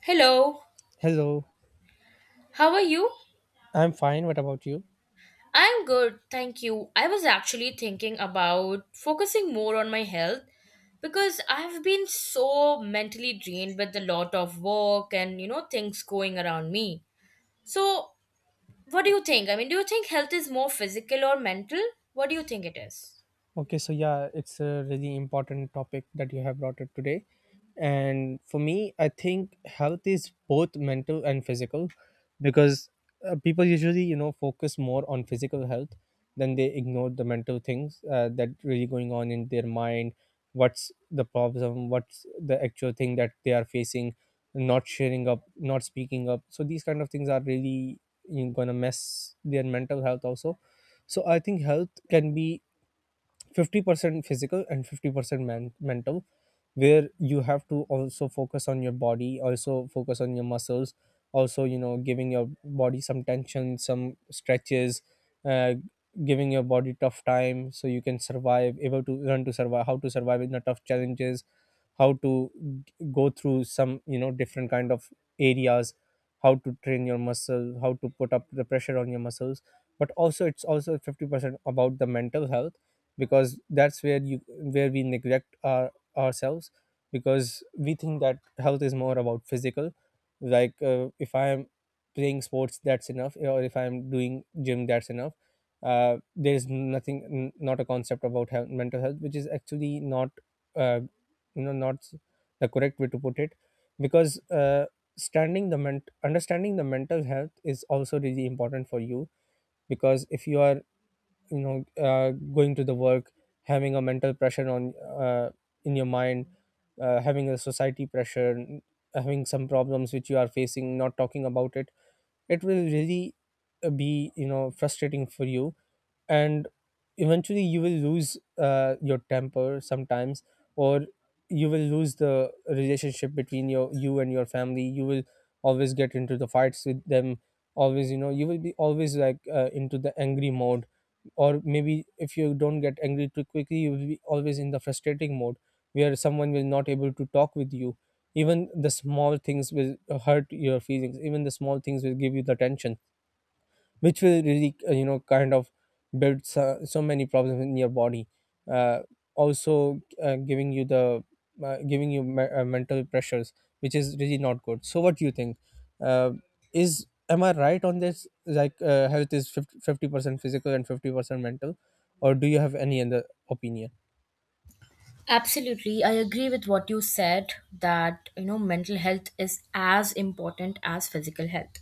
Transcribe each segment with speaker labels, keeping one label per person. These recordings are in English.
Speaker 1: Hello,
Speaker 2: Hello,
Speaker 1: how are you?
Speaker 2: I'm fine. What about you?
Speaker 1: I'm good, thank you. I was actually thinking about focusing more on my health because I've been so mentally drained with a lot of work and things going around me. So, what do you think? I mean, do you think health is more physical or mental? What do you think it is?
Speaker 2: Okay, so yeah, it's a really important topic that you have brought up today. And for me, I think health is both mental and physical because people usually, focus more on physical health than they ignore the mental things that really going on in their mind. What's the problem? What's the actual thing that they are facing? Not sharing up, not speaking up. So these kind of things are really, gonna mess their mental health also. So I think health can be 50% physical and 50% man mental, where you have to also focus on your body, also focus on your muscles, also, giving your body some tension, some stretches, uh, giving your body tough time so you can survive, able to learn to survive, how to survive in the tough challenges, how to g- go through some, different kind of areas, how to train your muscle, how to put up the pressure on your muscles. But also it's also 50% about the mental health, because that's where you where we neglect our ourselves, because we think that health is more about physical, like if I am playing sports, that's enough, or if I'm doing gym, that's enough. There's nothing, not a concept about health, mental health, which is actually not uh, you know not s- the correct way to put it, because understanding the mental health is also really important for you, because if you are, you know uh, going to the work, having a mental pressure on, uh, in your mind, having a society pressure, having some problems which you are facing, not talking about it, it will really, be, frustrating for you. And eventually you will lose, your temper sometimes, or you will lose the relationship between your, you and your family. You will always get into the fights with them, always, you will be always like, into the angry mode, or maybe if you don't get angry too quickly, you will be always in the frustrating mode, where someone will not able to talk with you. Even the small things will hurt your feelings, even the small things will give you the tension, which will really, kind of build so many problems in your body, uh, also giving you the giving you mental pressures, which is really not good. So what do you think, uh, is, am I right on this? Like health is 50% physical and 50% mental, or do you have any other opinion?
Speaker 1: Absolutely. I agree with what you said that, mental health is as important as physical health.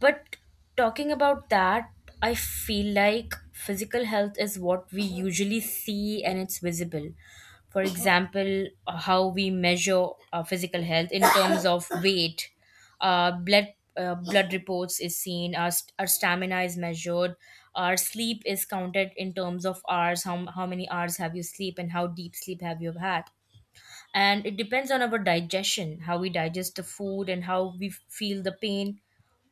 Speaker 1: But talking about that, I feel like physical health is what we usually see and it's visible. For example, how we measure our physical health in terms of weight, uh, blood blood reports is seen, our stamina is measured, our sleep is counted in terms of hours. How many hours have you sleep, and how deep sleep have you had? And it depends on our digestion, how we digest the food and how we feel the pain.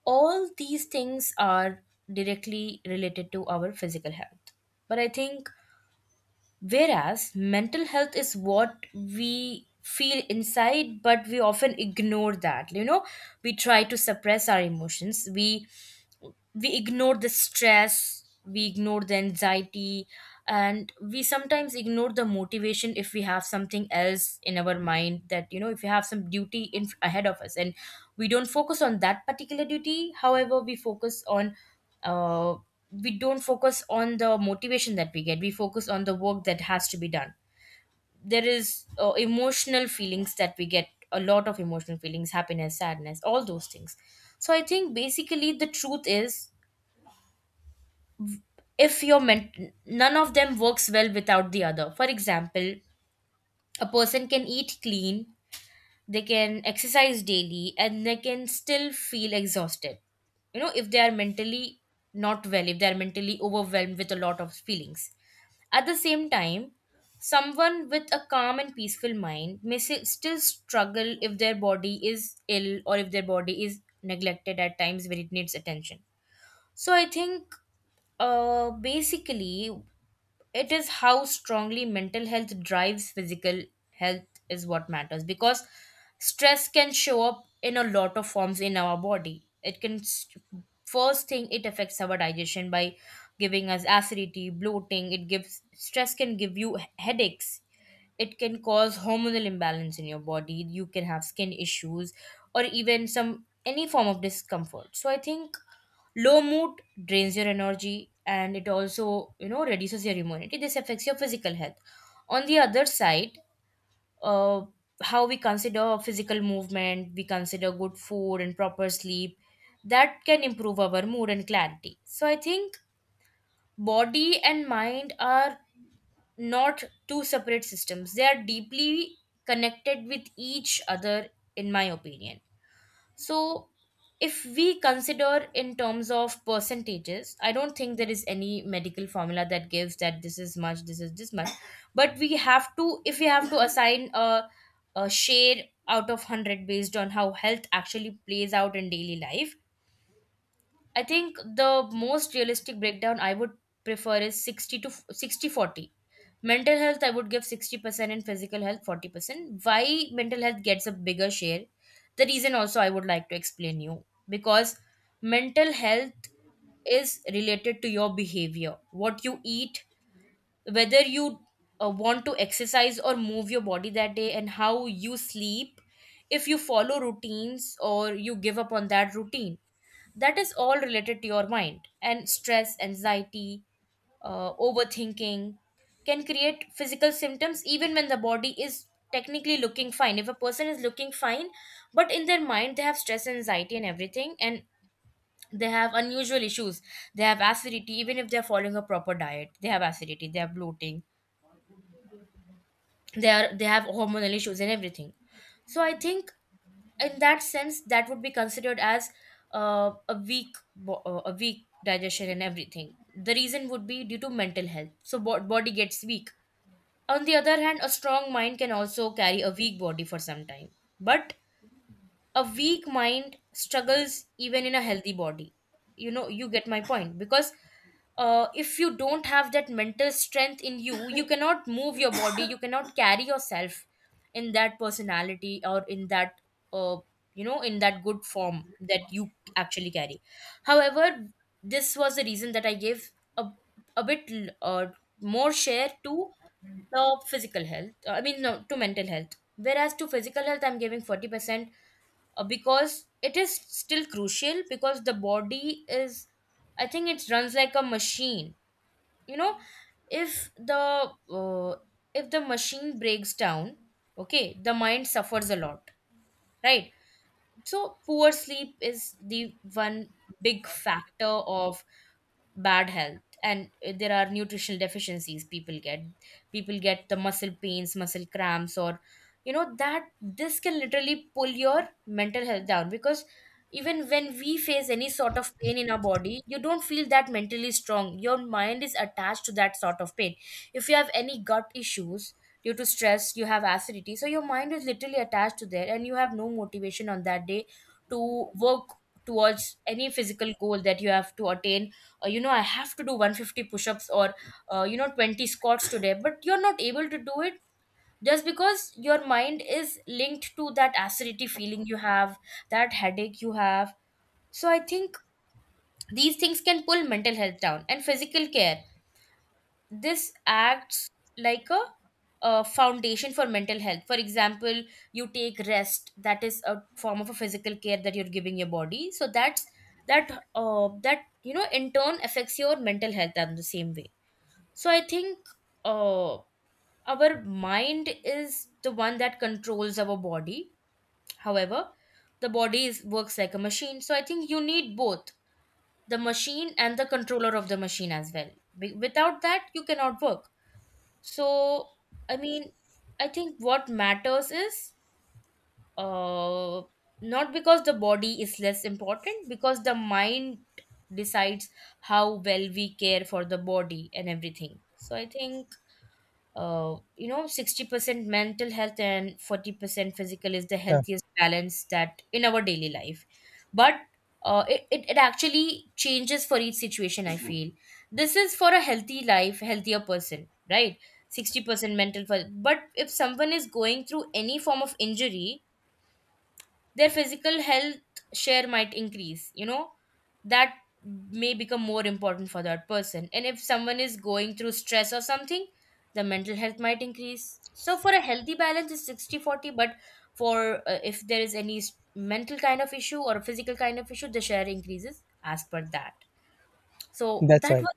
Speaker 1: All these things are directly related to our physical health. But I think, whereas mental health is what we feel inside, but we often ignore that. We try to suppress our emotions. We ignore the stress, we ignore the anxiety, and we sometimes ignore the motivation. If we have something else in our mind, that, if we have some duty in ahead of us, and we don't focus on that particular duty, however, uh, we don't focus on the motivation that we get, we focus on the work that has to be done. There is emotional feelings that we get, a lot of emotional feelings, happiness, sadness, all those things. So I think basically the truth is, if your ment- none of them works well without the other. For example, a person can eat clean, they can exercise daily, and they can still feel exhausted, if they are mentally not well, if they are mentally overwhelmed with a lot of feelings. At the same time, someone with a calm and peaceful mind may still struggle if their body is ill or if their body is neglected at times where it needs attention. So I think, basically, it is how strongly mental health drives physical health is what matters, because stress can show up in a lot of forms in our body. First thing, it affects our digestion by giving us acidity, bloating. It gives Stress can give you headaches, it can cause hormonal imbalance in your body, you can have skin issues, or even some any form of discomfort. So I think low mood drains your energy, and it also, reduces your immunity. This affects your physical health. On the other side, uh, how we consider physical movement, we consider good food and proper sleep, that can improve our mood and clarity. So I think body and mind are not two separate systems, they are deeply connected with each other, in my opinion. So, if we consider in terms of percentages, I don't think there is any medical formula that gives that this is much, this is this much. But if we have to assign a share out of 100 based on how health actually plays out in daily life, I think the most realistic breakdown I would prefer is 60 to 60-40. Mental health, I would give 60% and physical health 40%. Why mental health gets a bigger share? The reason also I would like to explain you, because mental health is related to your behavior, what you eat, whether you want to exercise or move your body that day, and how you sleep. If you follow routines or you give up on that routine, that is all related to your mind. And stress, anxiety, overthinking can create physical symptoms even when the body is technically looking fine. If a person is looking fine but in their mind they have stress, anxiety and everything, and they have unusual issues, they have acidity, even if they are following a proper diet. They have acidity, they have bloating, they have hormonal issues and everything. So I think in that sense, that would be considered as a weak digestion and everything. The reason would be due to mental health, so body gets weak. On the other hand, a strong mind can also carry a weak body for some time, but a weak mind struggles even in a healthy body. You know, you get my point, because if you don't have that mental strength in you, you cannot move your body, you cannot carry yourself in that personality or in that, uh, in that good form that you actually carry. However, this was the reason that I gave a bit, more share to the physical health. I mean, no, to mental health, whereas to physical health I'm giving 40%. Because it is still crucial, because the body is, I think, it runs like a machine. You know, if the machine breaks down, okay, the mind suffers a lot, right? So poor sleep is the one big factor of bad health. And there are nutritional deficiencies people get. People get the muscle pains, muscle cramps, or, that this can literally pull your mental health down, because even when we face any sort of pain in our body, you don't feel that mentally strong, your mind is attached to that sort of pain. If you have any gut issues due to stress, you have acidity, so your mind is literally attached to there, and you have no motivation on that day to work towards any physical goal that you have to attain. I have to do 150 push-ups or 20 squats today, but you're not able to do it just because your mind is linked to that acidity feeling you have, that headache you have. So I think these things can pull mental health down. And physical care, this acts like a foundation for mental health. For example, you take rest. That is a form of a physical care that you're giving your body. So that's that that you know in turn affects your mental health in the same way. So I think, uh, our mind is the one that controls our body. However, the body is, works like a machine. So I think you need both the machine and the controller of the machine as well. Without that, you cannot work. So, I mean, I think what matters is, uh, not because the body is less important, because the mind decides how well we care for the body and everything. So I think, 60% mental health and 40% physical is the
Speaker 2: Yeah,
Speaker 1: healthiest balance that in our daily life. But it actually changes for each situation, I feel. This is for a healthy life, healthier person, right? 60% mental, for but if someone is going through any form of injury, their physical health share might increase, that may become more important for that person. And if someone is going through stress or something, the mental health might increase. So for a healthy balance is 60-40. But for if there is any mental kind of issue or a physical kind of issue, the share increases as per that. So
Speaker 2: that's
Speaker 1: that
Speaker 2: right.
Speaker 1: was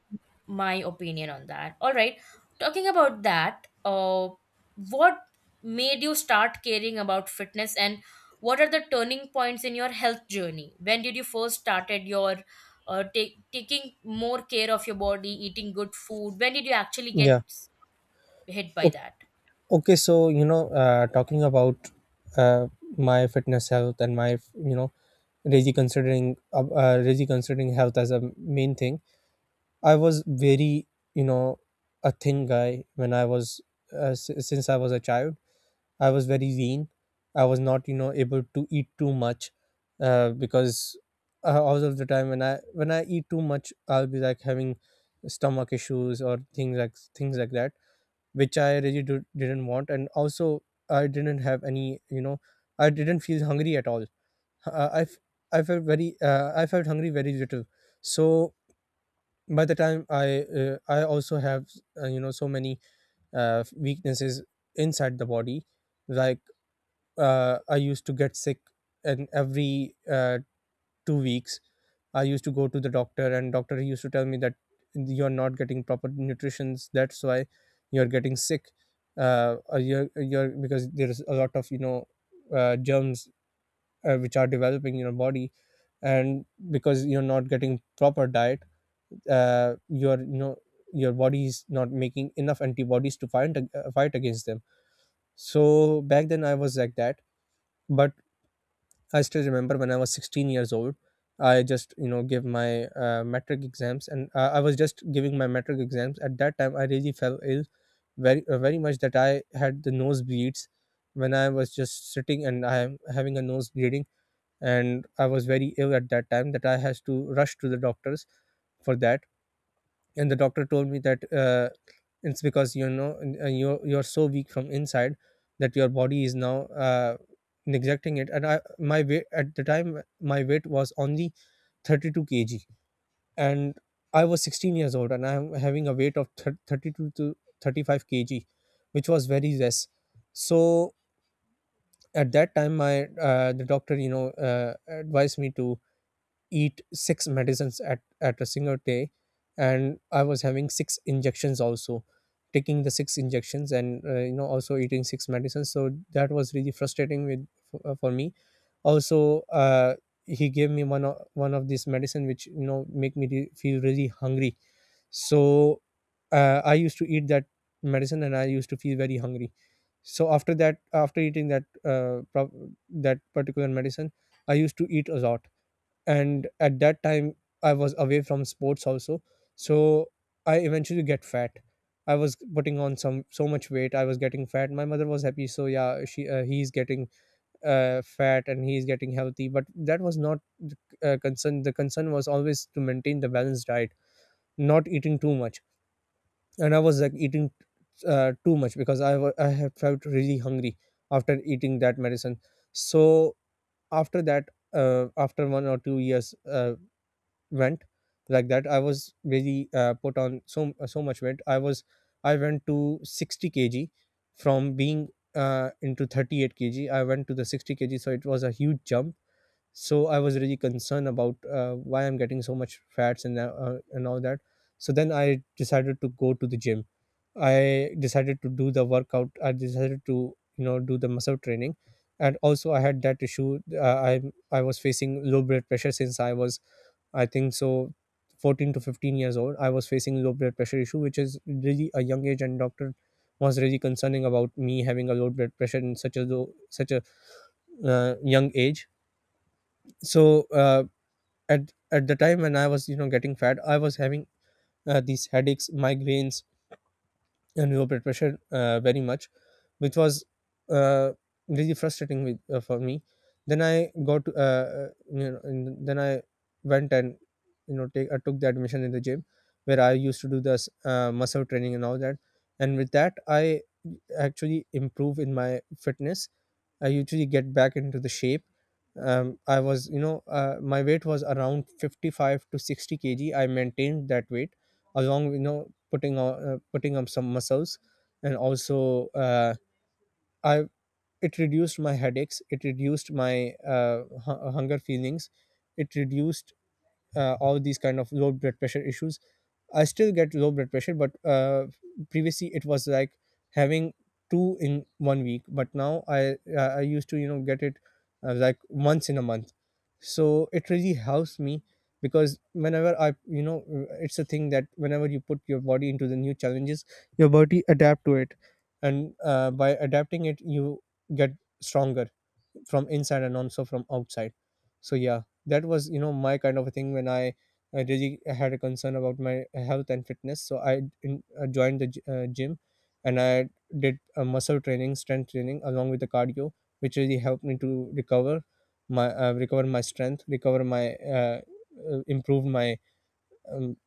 Speaker 1: my opinion on that. All right, talking about that, what made you start caring about fitness, and what are the turning points in your health journey? When did you first started taking more care of your body, eating good food? When did you actually get
Speaker 2: Yeah.
Speaker 1: hit by
Speaker 2: Okay.
Speaker 1: that?
Speaker 2: Okay, so talking about uh, my fitness health and my, really considering health as a main thing. I was very, you know a thin guy when I was, since I was a child. I was very lean, I was not, able to eat too much, because all of the time when I eat too much, I'll be like having stomach issues, or things like that, which I really didn't want. And also, I didn't have any, I didn't feel hungry at all. Uh, I, f- I felt very, I felt hungry very little. So by the time I also have, so many weaknesses inside the body. Like, I used to get sick in every, 2 weeks. I used to go to the doctor, and doctor he used to tell me that you're not getting proper nutrition, that's why you're getting sick, or you're, because there's a lot of, germs which are developing in your body, and because you're not getting proper diet, your, your body is not making enough antibodies to fight, fight against them. So back then I was like that. But I still remember, when I was 16 years old, I just, gave my metric exams, and I was just giving my metric exams. At that time, I really fell ill very, very much, that I had the nosebleeds when I was just sitting and I am having a nose bleeding. And I was very ill at that time that I had to rush to the doctors for that. And the doctor told me that, it's because, you're so weak from inside, that your body is now, neglecting it. And I my weight at the time my weight was only 32 kg, and I was 16 years old, and I'm having a weight of 32 to 35 kg, which was very less. So at that time, my, the doctor, uh, advised me to eat six medicines at a single day. And I was having six injections also, taking the six injections, and also eating six medicines. So that was really frustrating with, for me. Also, he gave me one of these medicine, which, make me feel really hungry. So I used to eat that medicine, and I used to feel very hungry. So after that, after eating that, that particular medicine, I used to eat a lot. And at that time, I was away from sports also. So I eventually get fat. I was putting on some so much weight, I was getting fat. My mother was happy, so yeah, she he's getting, fat, and he's getting healthy. But that was not the, concern. The concern was always to maintain the balanced diet, not eating too much. And I was like eating too much, because I had felt really hungry after eating that medicine. So after that, after 1 or 2 years, went like that. I was very, put on so much weight. I went to 60 kg from being, into 38 kg, I went to the 60 kg. So it was a huge jump. So I was really concerned about, why I'm getting so much fats, and all that. So then I decided to go to the gym. I decided to do the workout. I decided to, do the muscle training. And also, I had that issue. I was facing low blood pressure since I was, I think so, 14 to 15 years old. I was facing low blood pressure issue, which is really a young age, and doctor was really concerning about me having a low blood pressure in such a such a, young age. So at the time when I was, getting fat, I was having these headaches, migraines, and we were peer pressured, very much, which was, uh, really frustrating with, for me. Then I got, and then I went and, you know take I took the admission in the gym, where I used to do this, muscle training and all that, and with that, I actually improve in my fitness, I usually get back into the shape. I was, my weight was around 55 to 60 kg. I maintained that weight along, with, putting on, putting up some muscles. And also, I it reduced my headaches. It reduced my hunger feelings. It reduced all these kind of low blood pressure issues. I still get low blood pressure, but, previously it was like having two in 1 week. But now I used to, get it, like once in a month. So it really helps me, because whenever I, it's a thing that whenever you put your body into the new challenges, your body adapt to it, and, by adapting it, you get stronger from inside and also from outside. So yeah, that was, my kind of a thing. When I really had a concern about my health and fitness, so joined the gym, and I did a muscle training, strength training along with the cardio, which really helped me to recover my, recover my strength, recover my, improve my, um,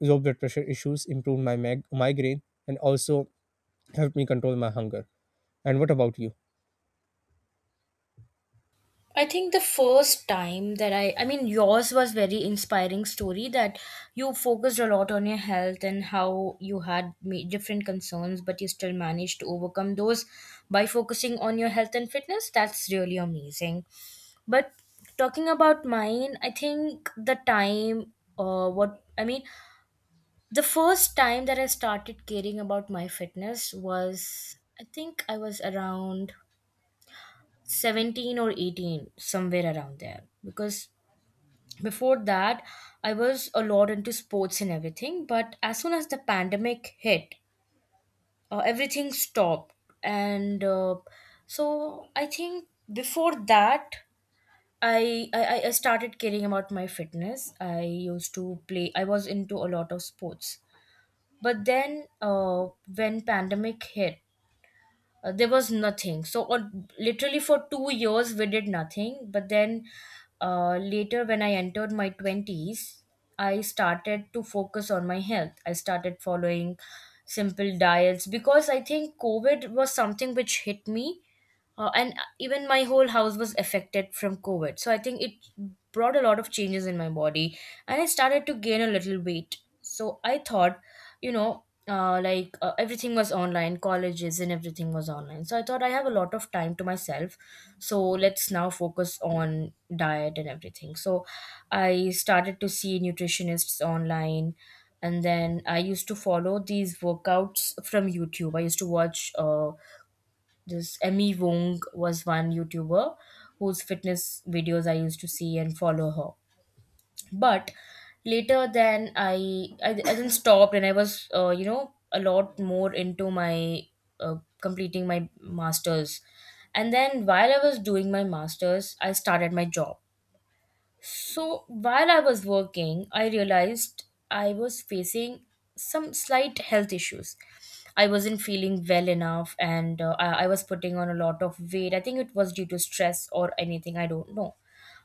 Speaker 2: low blood pressure issues, improve my migraine, and also helped me control my hunger. And what about you?
Speaker 1: I think the first time that I mean, yours was very inspiring story, that you focused a lot on your health and how you had different concerns, but you still managed to overcome those by focusing on your health and fitness. That's really amazing. But talking about mine, I think, what I mean, the first time that I started caring about my fitness was, I think I was around 17 or 18, somewhere around there, because before that I was a lot into sports and everything. But as soon as the pandemic hit, everything stopped. And so I think before that, I started caring about my fitness. I used to play, I was into a lot of sports, but then, when pandemic hit, there was nothing. So on, literally for 2 years we did nothing. But then, later, when I entered my twenties, I started to focus on my health. I started following simple diets because I think COVID was something which hit me, and even my whole house was affected from COVID. So I think it brought a lot of changes in my body, and I started to gain a little weight. So I thought, like everything was online, colleges and everything was online, so I thought I have a lot of time to myself, so let's now focus on diet and everything. So I started to see nutritionists online, and then I used to follow these workouts from YouTube. I used to watch, this Emmy Wong was one YouTuber whose fitness videos I used to see and follow her. But later then I then stopped and I was, a lot more into my uh, completing my masters. And then while I was doing my masters, I started my job. So while I was working, I realized I was facing some slight health issues. I wasn't feeling well enough, and I was putting on a lot of weight. I think it was due to stress or anything, I don't know.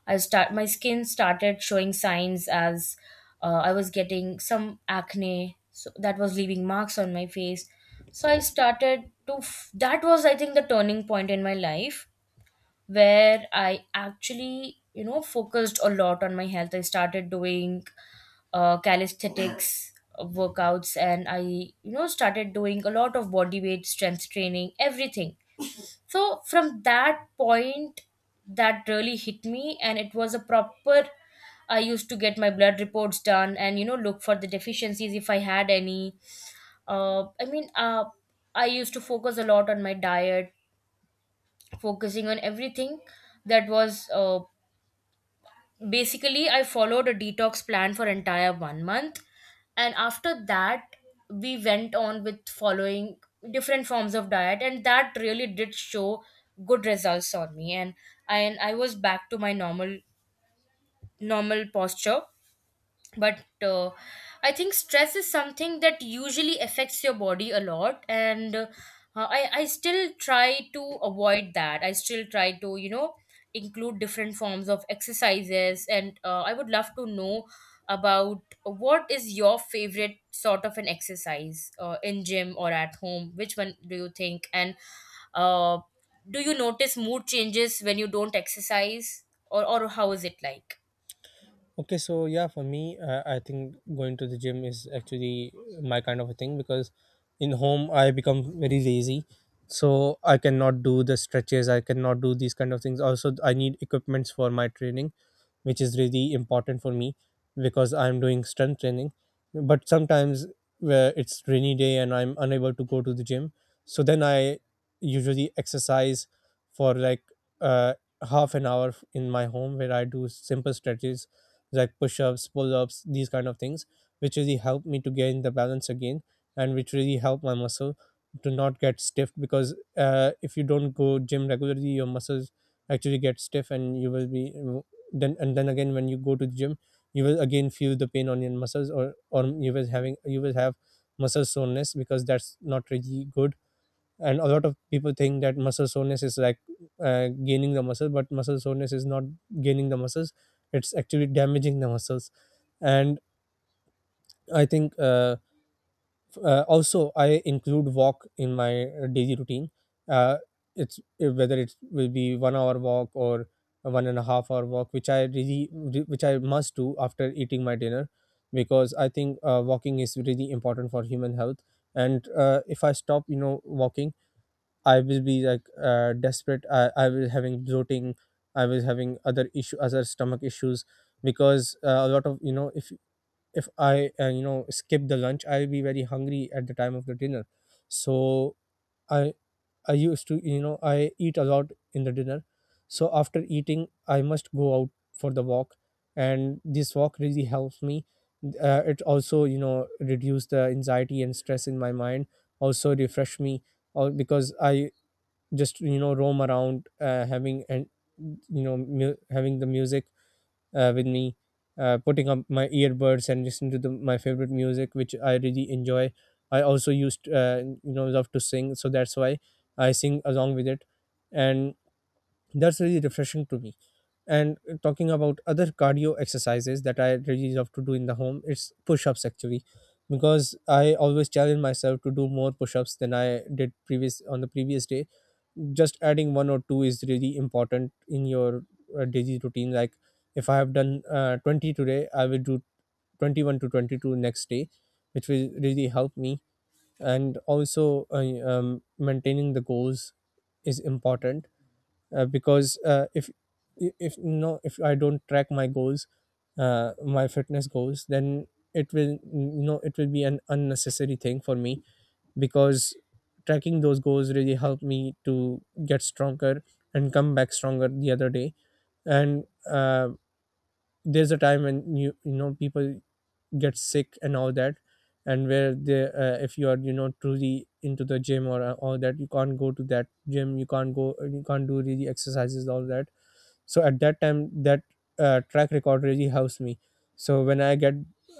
Speaker 1: I start My skin started showing signs as I was getting some acne, so that was leaving marks on my face. So I started to f- That was, I think, the turning point in my life where I actually, focused a lot on my health. I started doing calisthenics workouts, and I, started doing a lot of body weight, strength training, everything. So from that point, that really hit me, and it was a proper. I used to get my blood reports done and, look for the deficiencies if I had any. I mean, I used to focus a lot on my diet, focusing on everything that was, basically I followed a detox plan for entire one month. And after that, we went on with following different forms of diet, and that really did show good results on me, and I was back to my normal posture. But I think stress is something that usually affects your body a lot. And I still try to avoid that. I still try to, include different forms of exercises. And I would love to know about, what is your favorite sort of an exercise, in gym or at home? Which one do you think? And uh, do you notice mood changes when you don't exercise, or how is it like?
Speaker 2: Okay, so yeah, for me, I think going to the gym is actually my kind of a thing, because in home I become very lazy, so I cannot do the stretches. I cannot do these kind of things. Also, I need equipments for my training, which is really important for me because I'm doing strength training. But sometimes where it's rainy day and I'm unable to go to the gym, so then I usually exercise for like uh, half an hour in my home, where I do simple stretches like push-ups, pull-ups, these kind of things, which really helped me to gain the balance again, and which really helped my muscle to not get stiff, because if you don't go gym regularly, your muscles actually get stiff, and you will be, then and then again, when you go to the gym, you will again feel the pain on your muscles, or you will have muscle soreness, because that's not really good. And a lot of people think that muscle soreness is like gaining the muscle, but muscle soreness is not gaining the muscles, it's actually damaging the muscles. And I think also I include walk in my daily routine. Uh, it's uh, whether it will be one hour walk or a one and a half hour walk, which I really, which I must do after eating my dinner, because I think walking is really important for human health. And if I stop, walking, I will be like desperate. I was having bloating. I was having other issue, other stomach issues, because a lot of, if I skip the lunch, I'll be very hungry at the time of the dinner. So I I used to, I eat a lot in the dinner. So after eating, I must go out for the walk, and this walk really helps me. It also, reduce the anxiety and stress in my mind. Also refresh me, or because I just, roam around, having, and, having the music with me, putting up my earbuds and listening to the, my favorite music, which I really enjoy. I also used, love to sing, so that's why I sing along with it. And that's really refreshing to me. And talking about other cardio exercises that I really love to do in the home, it's push-ups actually, because I always challenge myself to do more push-ups than I did previous, on the previous day. Just adding one or two is really important in your daily routine. Like if I have done 20 today, I will do 21 to 22 next day, which will really help me. And also maintaining the goals is important, because if I don't track my goals, my fitness goals, then it will, it will be an unnecessary thing for me, because tracking those goals really helped me to get stronger and come back stronger the other day. And there's a time when people get sick and all that, and where they, if you are, truly into the gym, or all that, you can't go to that gym, you can't go, you can't do really exercises, all that. So at that time, that track record really helps me. So when I get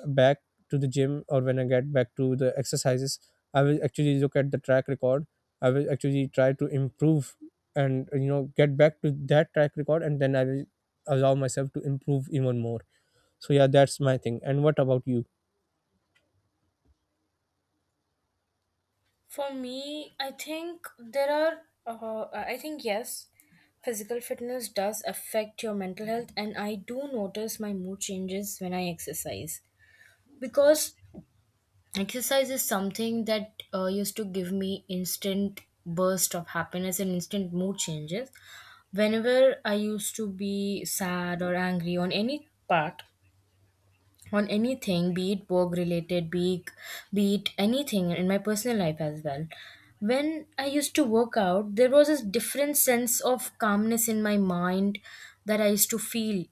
Speaker 2: back to the gym, or when I get back to the exercises, I will actually look at the track record, I will actually try to improve, and, get back to that track record. And then I will allow myself to improve even more. So yeah, that's my thing. And what about you?
Speaker 1: For me, I think there are, I think, yes, physical fitness does affect your mental health, and I do notice my mood changes when I exercise, because exercise is something that used to give me instant burst of happiness and instant mood changes. Whenever I used to be sad or angry on any part, on anything, be it work related, be it anything in my personal life as well. When I used to work out, there was a different sense of calmness in my mind that I used to feel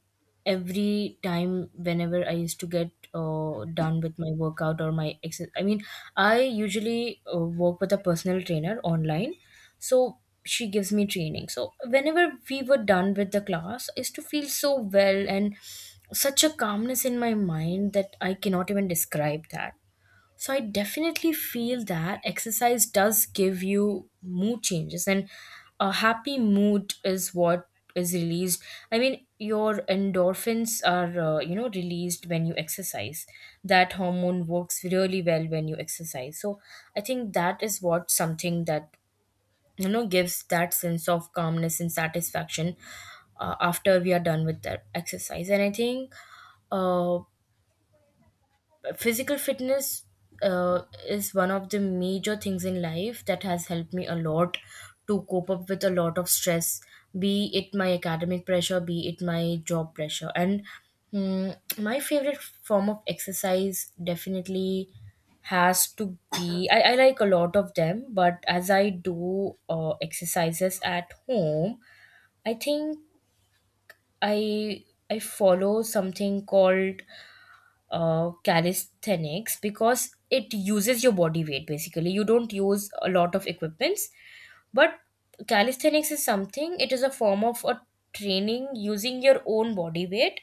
Speaker 1: every time whenever I used to get done with my workout or my exercise. I mean, I usually work with a personal trainer online, so she gives me training. So whenever we were done with the class, I used to feel so well and such a calmness in my mind that I cannot even describe that. So I definitely feel that exercise does give you mood changes, and a happy mood is what is released. I mean, your endorphins are, released when you exercise. That hormone works really well when you exercise. So I think that is what something that, gives that sense of calmness and satisfaction after we are done with the exercise. And I think, uh, physical fitness uh, is one of the major things in life that has helped me a lot to cope up with a lot of stress, be it my academic pressure, be it my job pressure. And my favorite form of exercise definitely has to be, I like a lot of them. But as I do exercises at home, I think i I follow something called calisthenics because it uses your body weight. Basically, you don't use a lot of equipments. But calisthenics is something, it is a form of a training using your own body weight,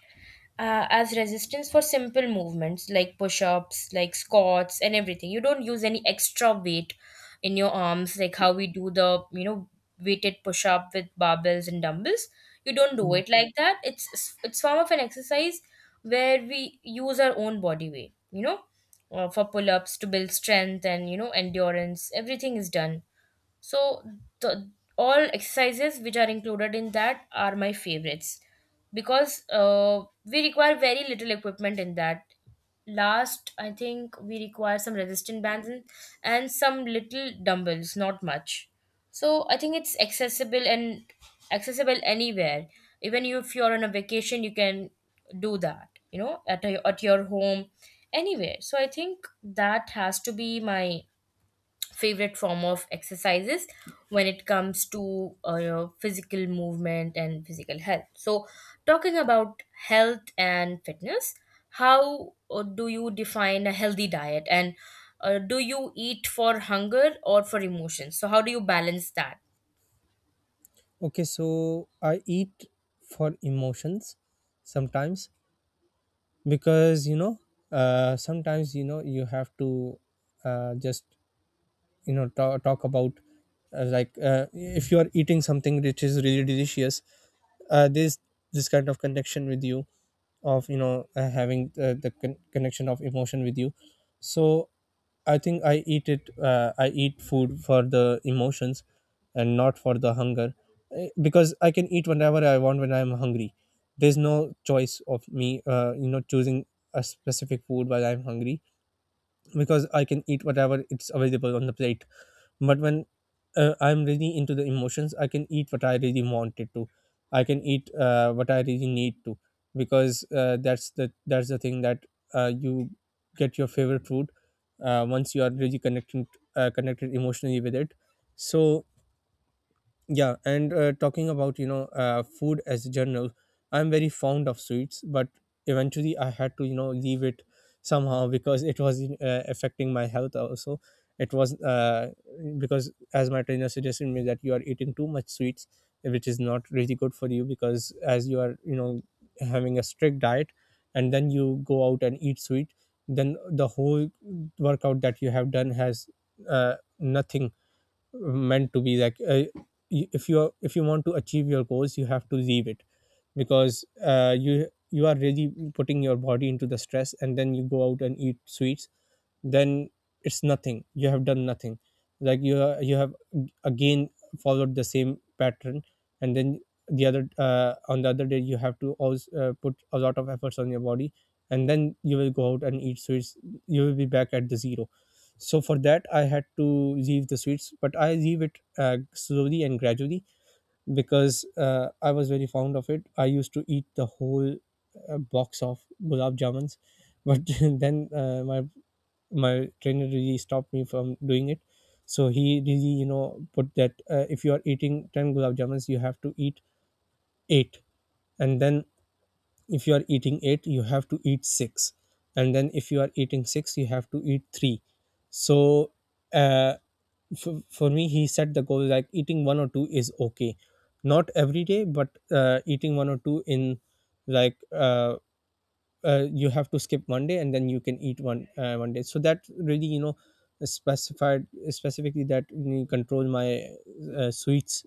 Speaker 1: as resistance for simple movements like push ups, like squats, and everything. You don't use any extra weight in your arms, like how we do the, weighted push up with barbells and dumbbells. You don't do
Speaker 2: Yeah.
Speaker 1: it like that. It's form of an exercise where we use our own body weight, for pull ups to build strength and, endurance. Everything is done. So the all exercises which are included in that are my favorites, because we require very little equipment in that. Last, I think we require some resistant bands, and some little dumbbells, not much. So I think it's accessible, and accessible anywhere. Even if you're on a vacation, you can do that. At at your home, anywhere. So I think that has to be my favorite form of exercises when it comes to physical movement and physical health. So, talking about health and fitness, how do you define a healthy diet, and do you eat for hunger or for emotions? So how do you balance that?
Speaker 2: Okay, so I eat for emotions sometimes, because, sometimes, you have to, just, you know ta talk about, like, if you are eating something which is really delicious, this, this kind of connection with you, of, having, the, connection of emotion with you. So I think I eat it, I eat food for the emotions, and not for the hunger. Eh, because I can eat whenever I want when I'm hungry. There's no choice of me, choosing a specific food while I'm hungry, because I can eat whatever it's available on the plate. But when, I'm really into the emotions, I can eat what I really wanted to. I can eat, what I really need to, because, that's the thing that, you get your favorite food, once you are really connecting, connected emotionally with it. So yeah. And, talking about, food as a general, I'm very fond of sweets, but eventually I had to, leave it somehow, because it was, affecting my health also. It was, because as my trainer suggested me that you are eating too much sweets, which is not really good for you, because as you are, having a strict diet, and then you go out and eat sweet, then the whole workout that you have done has, nothing, meant to be like, if you are, if you want to achieve your goals, you have to leave it, because, you are really putting your body into the stress, and then you go out and eat sweets, then it's nothing, you have done nothing. Like you have again followed the same pattern. And then the other, on the other day, you have to also, put a lot of efforts on your body, and then you will go out and eat sweets, you will be back at the zero. So for that, I had to leave the sweets, but I leave it, slowly and gradually, because, I was very fond of it. I used to eat the whole box of gulab jamuns, but then, my trainer really stopped me from doing it. So he really, put that, if you are eating 10 gulab jamuns, you have to eat 8. And then if you are eating 8, you have to eat 6. And then if you are eating 6, you have to eat 3. So, uh, for me, he set the goal, like eating one or two is okay, not every day, but, eating one or two in, like, you have to skip one day, and then you can eat one one day. So that really, specified, specifically, that you control my, sweets,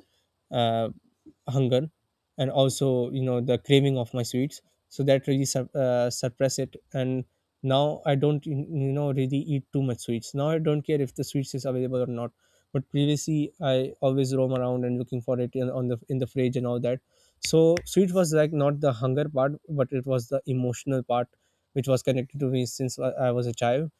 Speaker 2: uh, hunger, and also, the craving of my sweets. So that really suppress it. And now I don't, really eat too much sweets. Now I don't care if the sweets is available or not. But previously, I always roam around and looking for it, in the fridge and all that. So sweet was like not the hunger part, but it was the emotional part, which was connected to me since I was a child.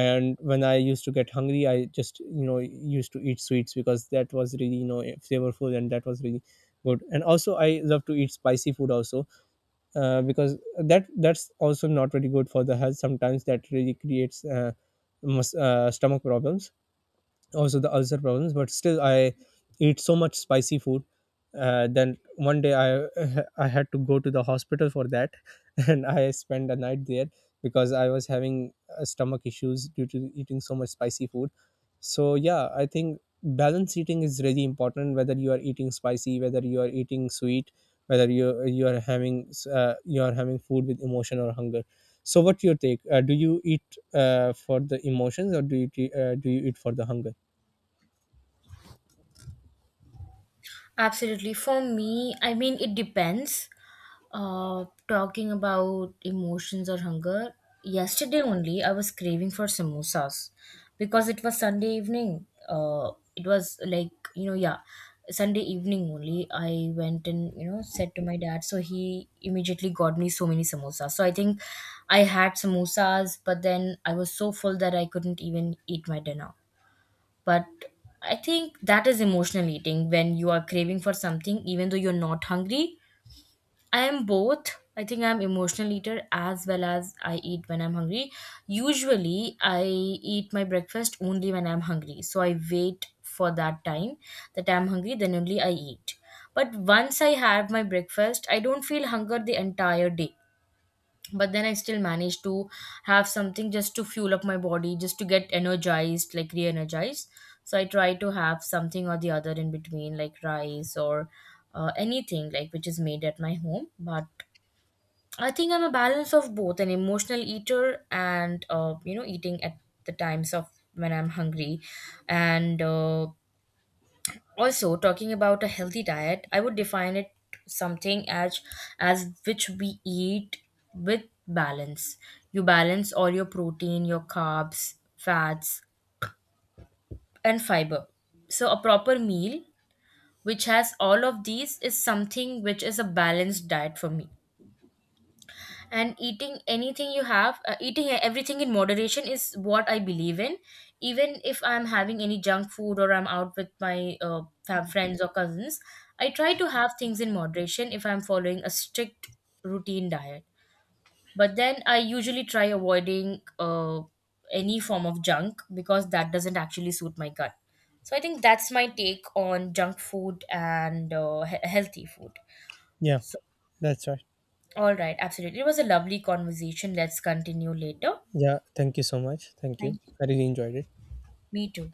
Speaker 2: And when I used to get hungry, I just, used to eat sweets, because that was really, flavorful, and that was really good. And also I love to eat spicy food also, because that, that's also not really good for the health. Sometimes that really creates, stomach problems, also the ulcer problems, but still I eat so much spicy food. Then one day I I had to go to the hospital for that, and I spent the night there, because I was having, stomach issues due to eating so much spicy food. So yeah, I think balanced eating is really important, whether you are eating spicy, whether you are eating sweet, whether you are having, you are having food with emotion or hunger. So what's your take? Do you eat, for the emotions, or do you, do you eat for the hunger?
Speaker 1: Absolutely. For me, I mean, it depends. Talking about emotions or hunger, yesterday only I was craving for samosas because it was Sunday evening. It was like, yeah, Sunday evening only. I went and, said to my dad. So he immediately got me so many samosas. So I think I had samosas, but then I was so full that I couldn't even eat my dinner. But I think that is emotional eating, when you are craving for something even though you're not hungry. I am both. I think I'm emotional eater as well as I eat when I'm hungry. Usually I eat my breakfast only when I'm hungry. So I wait for that time that I'm hungry, then only I eat. But once I have my breakfast, I don't feel hunger the entire day, but then I still managed to have something just to fuel up my body, just to get energized, like re-energized. So I try to have something or the other in between, like rice or anything like which is made at my home. But I think I'm a balance of both, an emotional eater and, eating at the times of when I'm hungry. And also, talking about a healthy diet, I would define it something as which we eat with balance. You balance all your protein, your carbs, fats, and fiber. So a proper meal which has all of these is something which is a balanced diet for me. And eating anything, you have eating everything in moderation is what I believe in. Even if I'm having any junk food or I'm out with my friends or cousins, I try to have things in moderation if I'm following a strict routine diet. But then I usually try avoiding any form of junk because that doesn't actually suit my gut. So I think that's my take on junk food and healthy food.
Speaker 2: Yeah, that's right.
Speaker 1: All right, absolutely. It was a lovely conversation. Let's continue later.
Speaker 2: Yeah, thank you so much. Thank you.
Speaker 1: Thank
Speaker 2: I
Speaker 1: you.
Speaker 2: really enjoyed it.
Speaker 1: Me too.